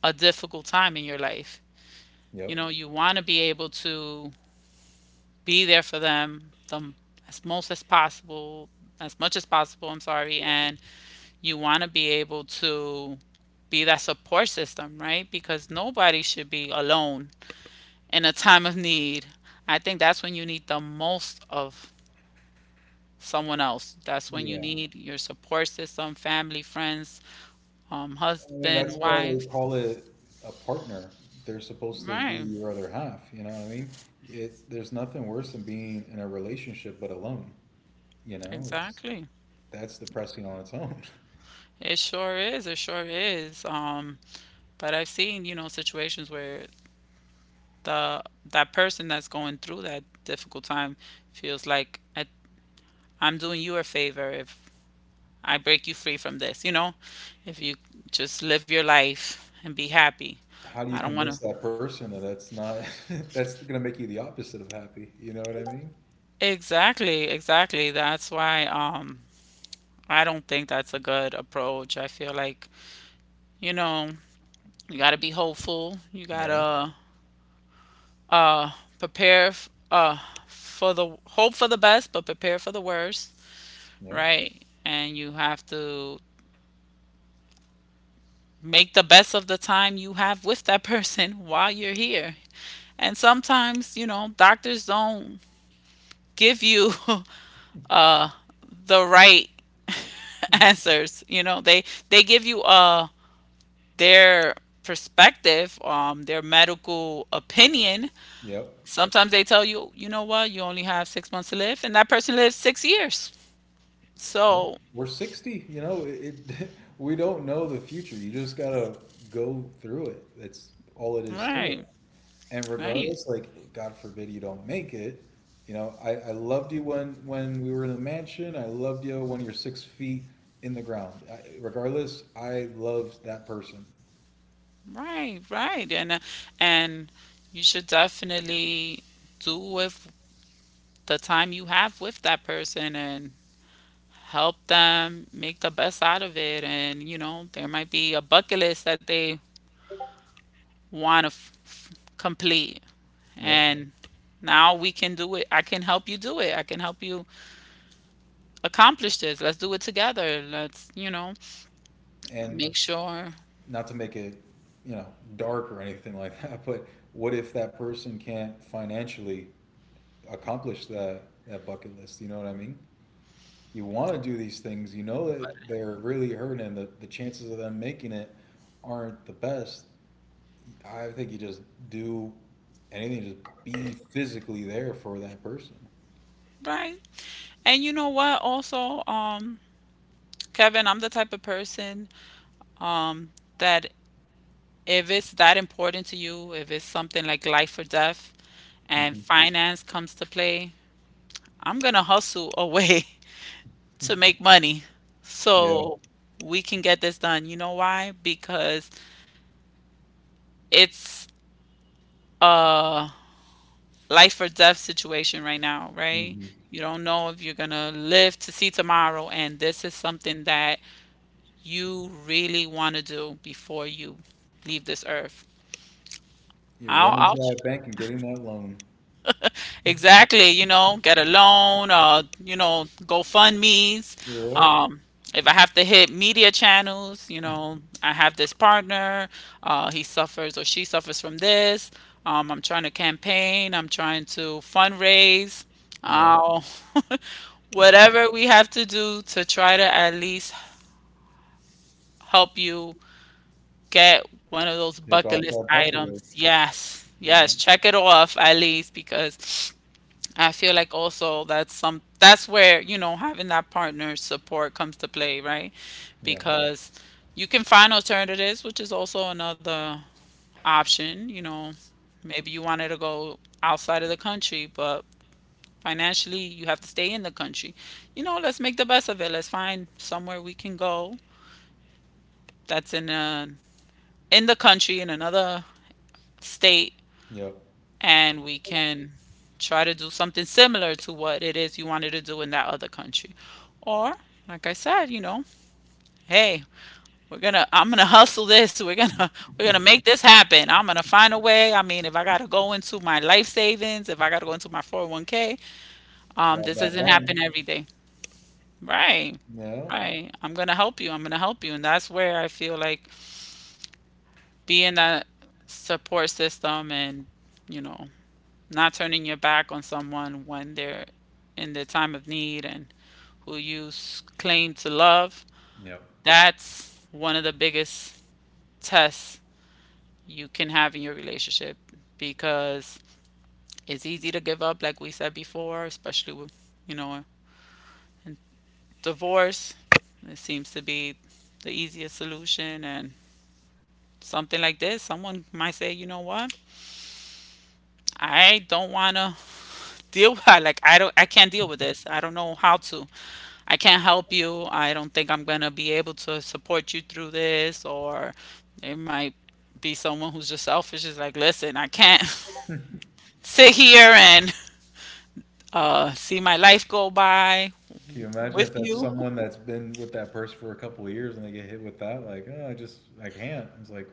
a difficult time in your life.
Yep.
You know, you want to be able to be there for them, as most as possible, as much as possible, I'm sorry, and you want to be able to be that support system, right? Because nobody should be alone in a time of need. I think that's when you need the most of someone else. That's when you
Yeah.
need your support system, family, friends,
I mean,
husband,
that's why they
wife.
call it a partner. They're supposed to be
Right,
your other half. You know what I mean? It's, there's nothing worse than being in a relationship but alone. You know, it's
exactly.
that's depressing on its own. [LAUGHS]
It sure is. It sure is. But I've seen, you know, situations where the that person that's going through that difficult time feels like I'm doing you a favor if I break you free from this, you know? If you just live your life and be happy.
How do
I
you
don't want to.
convince that person that that's not [LAUGHS] that's gonna make you the opposite of happy? You know what I mean?
Exactly, exactly. That's why, I don't think that's a good approach. I feel like, you know, you got to be hopeful. You got
Yep.
to uh prepare f- uh for the, hope for the best, but prepare for the worst,
Yep.
right? And you have to make the best of the time you have with that person [LAUGHS] while you're here. And sometimes, you know, doctors don't give you [LAUGHS] the right [LAUGHS] answers. You know, they give you their perspective, their medical opinion.
Yep.
Sometimes they tell you, you know what, you only have 6 months to live, and that person lives 6 years.
Yeah.
So,
We're 60, you know, it [LAUGHS] we don't know the future. You just gotta go through it. That's all it is to
right,
it. And
right,
regardless, like, God forbid you don't make it, you know, I loved you when we were in the mansion. I loved you when you're six feet in the ground. I, regardless, I loved that person.
right, right, and you should definitely do with the time you have with that person and help them make the best out of it. And, you know, there might be a bucket list that they want to complete.
Yep.
And now we can do it. I can help you do it. I can help you accomplish this. Let's do it together. Let's, you know,
And
make sure.
not to make it, you know, dark or anything like that, [LAUGHS] but what if that person can't financially accomplish that that bucket list? You know what I mean? You want to do these things. You know that they're really hurting, and the chances of them making it aren't the best. I think you just do anything, just be physically there for that person.
Right. And you know what? Also, Kevin, I'm the type of person, um, that if it's that important to you, if it's something like life or death, and
Hmm.
finance comes to play, I'm going to hustle away [LAUGHS] to make money
Yeah.
so we can get this done. You know why? Because it's a life or death situation right now, right?
Hmm.
You don't know if you're going to live to see tomorrow. And this is something that you really want to do before you leave this earth.
You're
I'll,
running
I'll,
to that bank and getting that loan.
Exactly, you know, get a loan, you know, GoFundMe's.
Yep.
Um, if I have to hit media channels, you know, I have this partner, he suffers or she suffers from this. I'm trying to campaign, I'm trying to fundraise.
Yep.
Uh, [LAUGHS] whatever we have to do to try to at least help you get one of those
Take
bucket
off
list
that bucket
items.
list.
Yes, yes,
Yeah.
check it off at least, because I feel like also that's where, you know, having that partner support comes to play, right?
Yeah.
Because you can find alternatives, which is also another option, Maybe you wanted to go outside of the country, but financially you have to stay in the country. You know, let's make the best of it. Let's find somewhere we can go that's in in the country, in another state,
Yep.
and we can try to do something similar to what it is you wanted to do in that other country. Or, like I said, you know, hey, we're gonna I'm gonna [LAUGHS] hustle this. We're gonna [LAUGHS] we're gonna make this happen. I'm gonna find a way. I mean, if I gotta go into my life savings, if I gotta go into my 401k,
Rob
this
that
doesn't
bank.
happen every day. Right.
Yeah.
Right. I'm going to help you. I'm going to help you. And that's where I feel like being that support system and, you know, not turning your back on someone when they're in their time of need and who you claim to love.
Yep.
That's one of the biggest tests you can have in your relationship because it's easy to give up, like we said before, especially with, you know, in divorce. It seems to be the easiest solution. And something like this, someone might say, you know what? I don't want to deal [LAUGHS] I like I don't I can't deal with this. I don't know how to. I can't help you. I don't think I'm gonna be able to support you through this. Or there might be someone who's just selfish, is like, listen, I can't [LAUGHS] sit here and see my life go by
Can you imagine
with
if that's
you.
someone that's been with that person for a couple of years and they get hit with that? Like, oh, I just, I can't. It's like,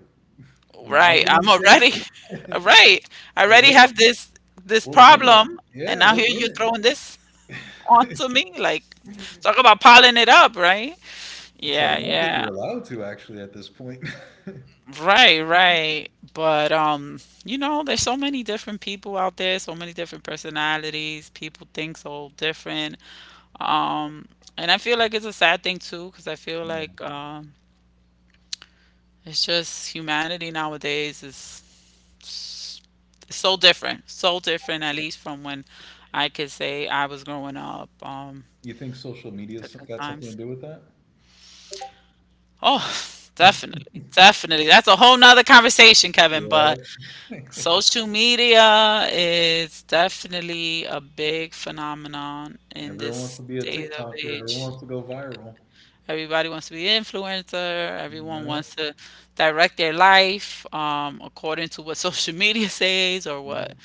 now's
Right.
when
I'm
you
already
sing?
[LAUGHS]
It? [LAUGHS]
right. I
Like,
already have this
we're in it.
problem, and
Yeah,
now
we're
here
in
you're
it.
throwing this [LAUGHS] onto me. Like, talk about piling it up, right?
It's like,
Yeah,
I don't think you're
yeah.
allowed to actually at this point. [LAUGHS]
Right, right. But you know, there's so many different people out there, so many different personalities. People think so different. Um, and I feel like it's a sad thing too, because I feel
Yeah.
like it's just humanity nowadays is s- so different, so different. At least from when I could say I was growing up.
You think social media's
Different
got something
times.
to do with that?
Oh, [LAUGHS] [SIGHS] definitely, definitely. That's a whole nother conversation, Kevin.
Yeah.
But
[LAUGHS]
social media is definitely a big phenomenon in
Everyone wants
this
to be a
day of
TikToker. Everyone
age.
wants to go viral.
Everybody wants to be an influencer. Everyone
No.
wants to direct their life according to what social [LAUGHS] media says or
Yeah,
what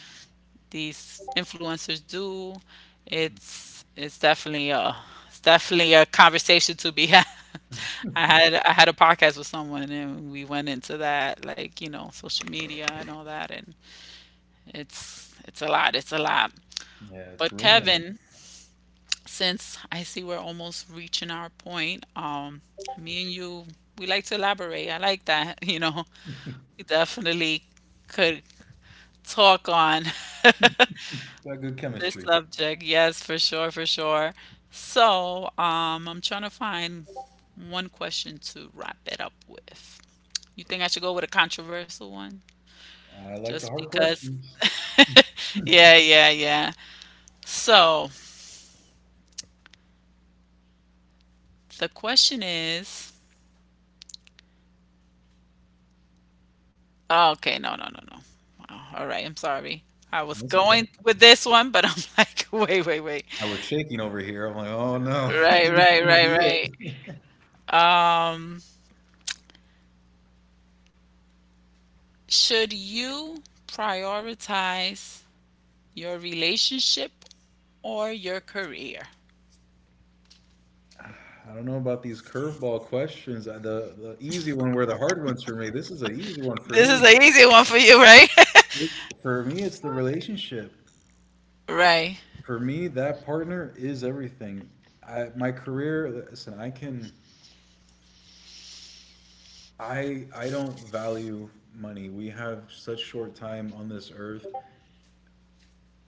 these influencers do. It's definitely a it's definitely a conversation to be had. [LAUGHS] I had a podcast with someone and we went into that, like, you know, social media and all that, and it's a lot. It's a lot.
yeah, it's
But
ruining them.
Kevin, since I see we're almost reaching our point, me and you, we like to elaborate. I like that. [LAUGHS] You know, we definitely could talk on
Got good
[LAUGHS] this
chemistry.
subject. Yes, for sure, for sure. So, I'm trying to find one question to wrap it up with. You think I should go with a controversial one?
I like the
Just
hard
because.
questions.
[LAUGHS] yeah, yeah, yeah. So, the question is oh, okay, no, no, no, no. Wow, all right, I'm sorry. I was
And it's okay.
going with this one, but I'm [LAUGHS] like, wait, wait, wait.
I was shaking over here. I'm like, oh no, [LAUGHS] I
Right,
think it's
right,
gonna be
right,
it.
right. Should you prioritize your relationship or your career?
I don't know about these curveball questions. The easy one were the hard ones for me. This is an easy one for
This is
me.
an easy one for you, right? [LAUGHS]
For me, it's the relationship.
right.
For me, that partner is everything. I, my career, listen, I can, I don't value money. We have such short time on this earth,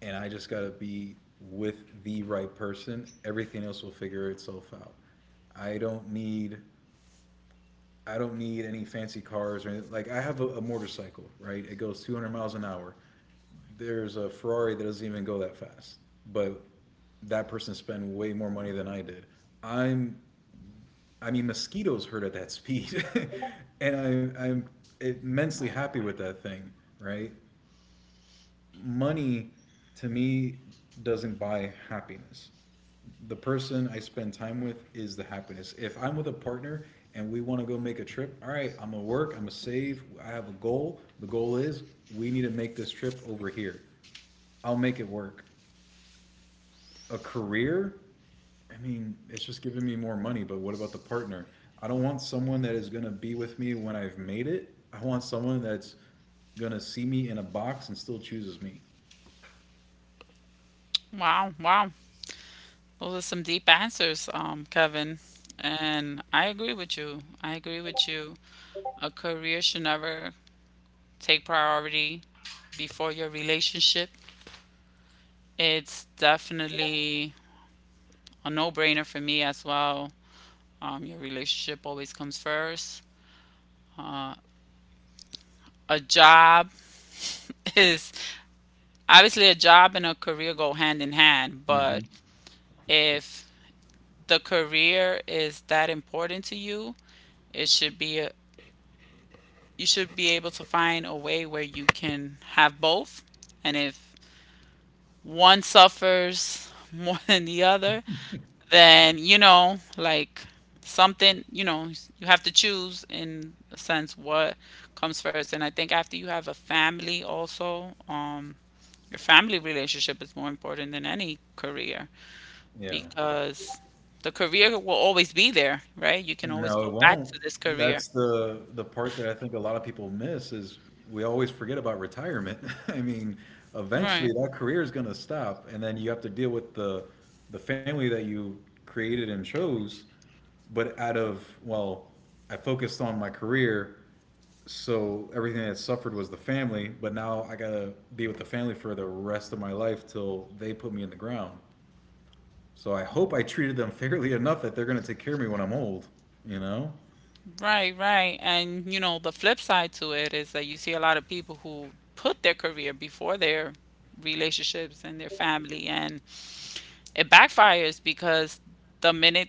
and I just gotta be with the right person. Everything else will figure itself out. I don't need I don't need any fancy cars or anything. Like I have a motorcycle, right? It goes 200 miles an hour. There's a Ferrari that doesn't even go that fast, but that person spent way more money than I did. I'm, I mean, mosquitoes hurt at that speed, [LAUGHS] and I'm immensely
Right.
happy with that thing, right? Money to me doesn't buy happiness. The person I spend time with is the happiness. If I'm with a partner and we want to go make a trip, all right, I'm gonna work, I'm gonna save, I have a goal. The goal is we need to make this trip over here. I'll make it work. A career, I mean, it's just giving me more money, but what about the partner? I don't want someone that is gonna be with me when I've made it. I want someone that's gonna see me in a box and still chooses me.
Wow, wow. Those are some deep answers, Kevin. And I agree with you. I agree with you. A career should never take priority before your relationship. It's definitely a no brainer for me as well. Your relationship always comes first. A job [LAUGHS] is obviously a job, and a career go hand in hand,
Hmm.
but if the career is that important to you, it should be a, you should be able to find a way where you can have both. And if one suffers [LAUGHS] more than the other, then you know, like, something, you know, you have to choose in a sense what comes first. And I think after you have a family also, um, your family relationship is more important than any career
Yeah.
because the career will always be there. Right, you can always
No, it
go back
won't.
to this
That's
career.
the part that I think a lot of people miss is we always forget about retirement. [LAUGHS] I mean, eventually
Right,
that career is going to stop, and then you have to deal with the family that you created and chose. But I focused on my career, so everything that suffered was the family, but now I gotta be with the family for the rest of my life till they put me in the ground. So I hope I treated them [LAUGHS] fairly enough that they're gonna take care of me when I'm old, you know?
right, right. And you know, the flip side to it is that you see a lot of people who put their career before their relationships and their family. And it backfires because the minute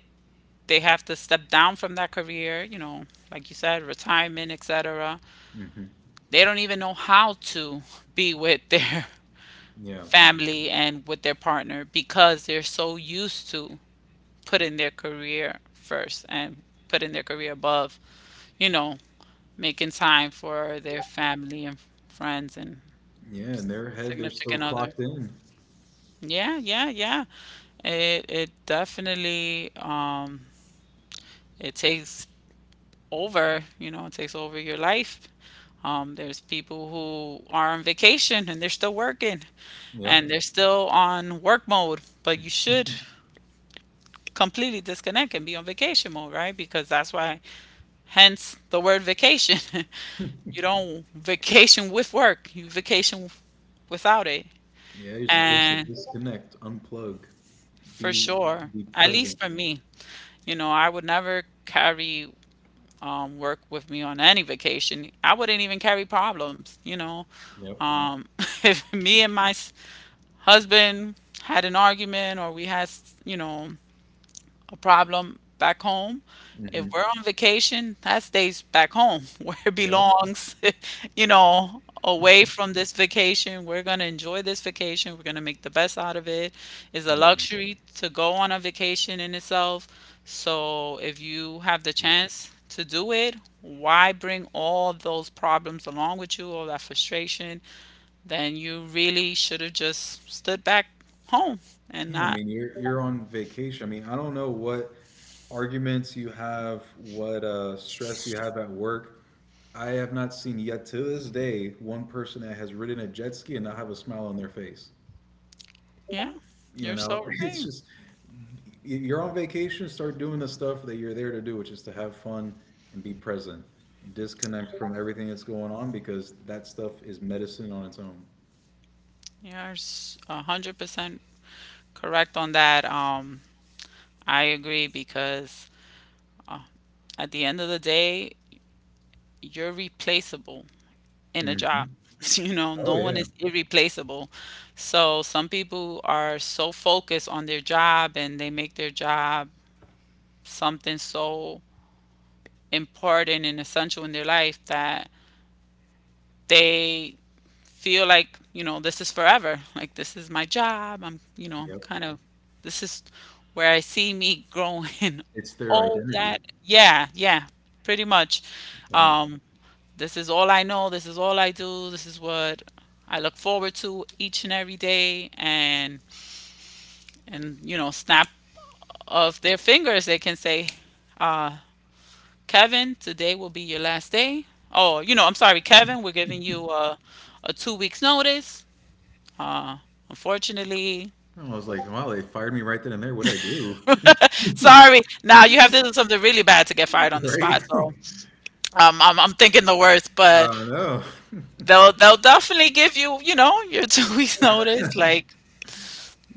they have to step down from that career, you know, like you said, retirement, etc.,
Hmm.
they don't even know how to be with their [LAUGHS]
Yeah.
family and with their partner because they're so used to putting their career first and putting their career above, you know, making time for their family and friends and
Yeah. In their head, they're still
significant other.
clocked in.
Yeah, yeah, yeah. It definitely it takes over, you know, it takes over your life. There's people who are on vacation and they're still working and
Yep.
they're still on work mode, but you should completely disconnect and be on vacation mode, right? Because that's why, hence the word vacation. [LAUGHS] You don't vacation with work, you vacation without it.
Yeah. You're supposed to
And
disconnect, unplug,
for
be
sure,
be
at
present.
least for me, you know, I would never carry work with me on any vacation. I wouldn't even carry problems. You know,
Yep.
um, [LAUGHS] if me and my husband had an argument, or we had, you know, a problem back home.
Hmm.
If we're on vacation, that stays back home [LAUGHS] where it
Yep.
belongs, [LAUGHS] you know, away from this vacation. We're going to enjoy this vacation. We're going to make the best out of it. It's a
Yeah.
luxury to go on a vacation in itself. So if you have the
Yeah.
chance to do it, why bring all those problems along with you, all that frustration? Then you really should have just stood back home and
Yeah. I
not,
mean, you're on vacation. I mean, I don't know what arguments you have, what stress you have at work. I have not seen yet to this day one person that has ridden a jet ski and not have a smile on their face.
yeah,
You
you're
know,
so
[LAUGHS] it's
right.
just you're on vacation, start doing the stuff that you're there to do, which is to have fun and be present. Disconnect from everything that's going on because that stuff is medicine on its own.
You're 100% correct on that. I agree because at the end of the day, you're replaceable in a job.
Hmm.
[LAUGHS] You know,
Oh
no one
yeah.
is irreplaceable. So some people are so focused on their job and they make their job something so important and essential in their life that they feel like, you know, this is forever. Like, this is my job, I'm, you know, I'm
Yep.
kind of this is where I see me growing
It's
[LAUGHS]
their
all that.
identity.
Yeah, yeah, pretty much.
Yeah.
Um, this is all I know, this is all I do, this is what I look forward to each and every day. And you know, snap of their fingers, they can say, uh Kevin, today will be your last day. Oh, you know, I'm sorry, Kevin, we're giving you a 2 weeks notice. Uh, unfortunately,
I was like, wow, they fired me right then and there. What'd I do? [LAUGHS]
sorry. Now you have to do something really bad to get fired on the
Right?
spot. So
[LAUGHS]
I'm thinking the worst,
I
but
don't know. [LAUGHS]
they'll definitely give you you know your [LAUGHS] 2 weeks notice. Like,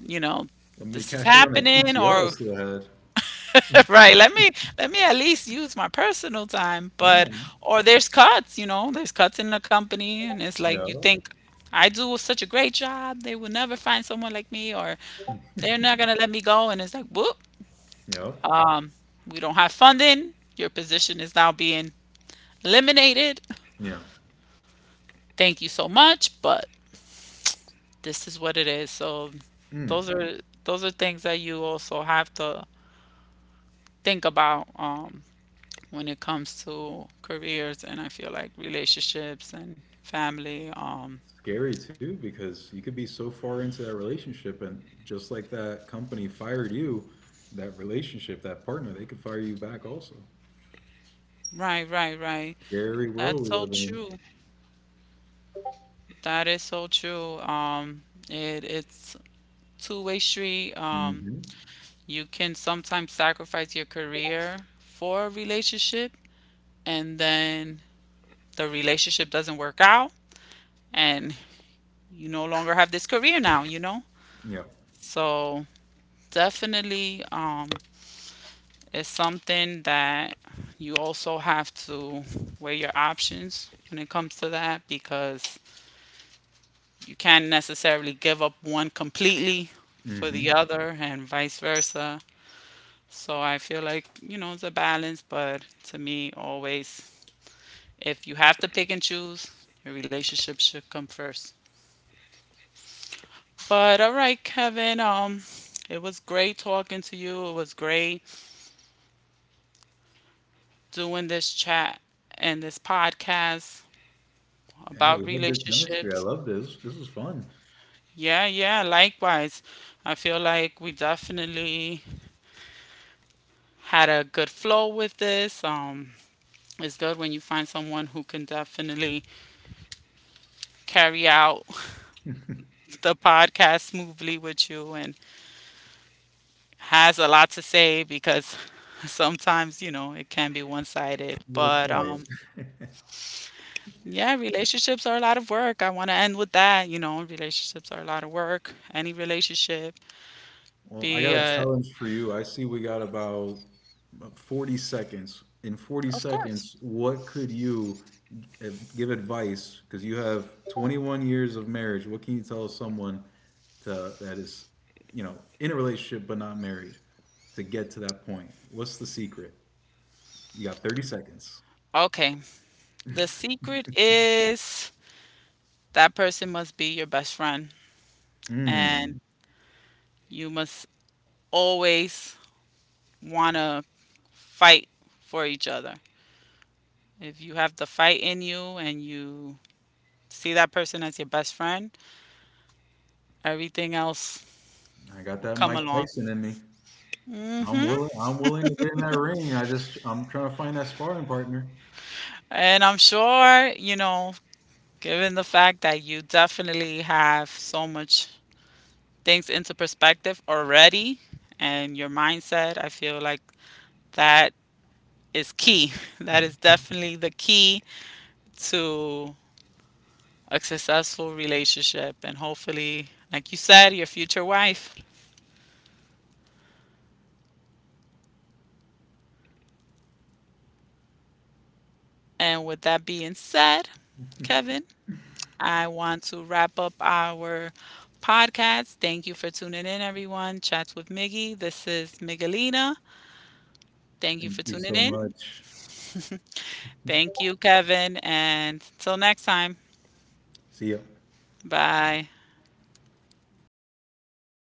you know,
Let me
this is
cash out on that
happening
PTO I
or
still had.
[LAUGHS] right, let me at least use my personal time.
Come
But
on.
or there's cuts, you know, there's cuts in a company, and it's like,
Yeah.
you think I do such a great job. They will never find someone like me, or they're not gonna let me go. And it's like, whoop,
Yeah.
um, we don't have funding. Your position is now being eliminated.
Yeah.
Thank you so much, but this is what it is. So
Mm.
those are those are things that you also have to think about when it comes to careers and I feel like relationships and family.
Scary too because you could be so far into that relationship and just like that company fired you, that relationship, that partner, they could fire you back also.
Right, right, right.
Scary
That's
world we
so
live in.
true. That is so true. It it's two-way street. You can sometimes sacrifice your career for a relationship, and then the relationship doesn't work out, and you no longer have this career now, you know?
Hmm. Yeah.
So, definitely, it's something that you also have to weigh your options when it comes to that because you can't necessarily give up one completely for the
Hmm.
other and vice versa. So I feel like, you know, it's a balance, but to me, always if you have to pick and choose, your relationship should come first. But all right, Kevin, it was great talking to you. It was great doing this chat and this podcast
Yeah,
about
we had good chemistry.
relationships.
I love this. This is fun.
Yeah, yeah, likewise. I feel like we definitely had a good flow with this. Um, it's good when you find someone who can definitely carry out [LAUGHS] the podcast smoothly with you and has a lot to say, because [LAUGHS] sometimes, you know, it can be one-sided.
A little
But um,
quiet. [LAUGHS]
yeah, relationships are a lot of work. I want to end with that, you know, relationships are a lot of work. Any relationship,
Well,
be
I got a
uh
challenge for you. I see we got about 40 seconds. In 40
of course.
seconds, what could you give advice? Because you have 21 years of marriage. What can you tell someone to, that is, you know, in a relationship but not married to get to that point? What's the secret? You got 30 seconds.
Okay. The secret is that person must be your best friend, and
Mm,
you must always want to fight for each other. If you have the fight in you and you see that person as your best friend, everything else
I got
will
that
come
Mike
along.
Tyson in me. I'm
Hmm.
willing. I'm willing to get in that ring. I just I'm trying to find that sparring partner.
And I'm sure, you know, given the fact that you definitely have so much things into perspective already and your mindset, I feel like that is key. [LAUGHS] That is definitely the key to a successful relationship and hopefully, like you said, your future wife. And with that being said, Kevin, I want to wrap up our podcast. Thank you for tuning in, everyone. Chats with Miggy. This is Miguelina. Thank you
Thank
for
you
tuning
so
in.
much.
Thank you, Kevin. And till next time,
See ya.
bye.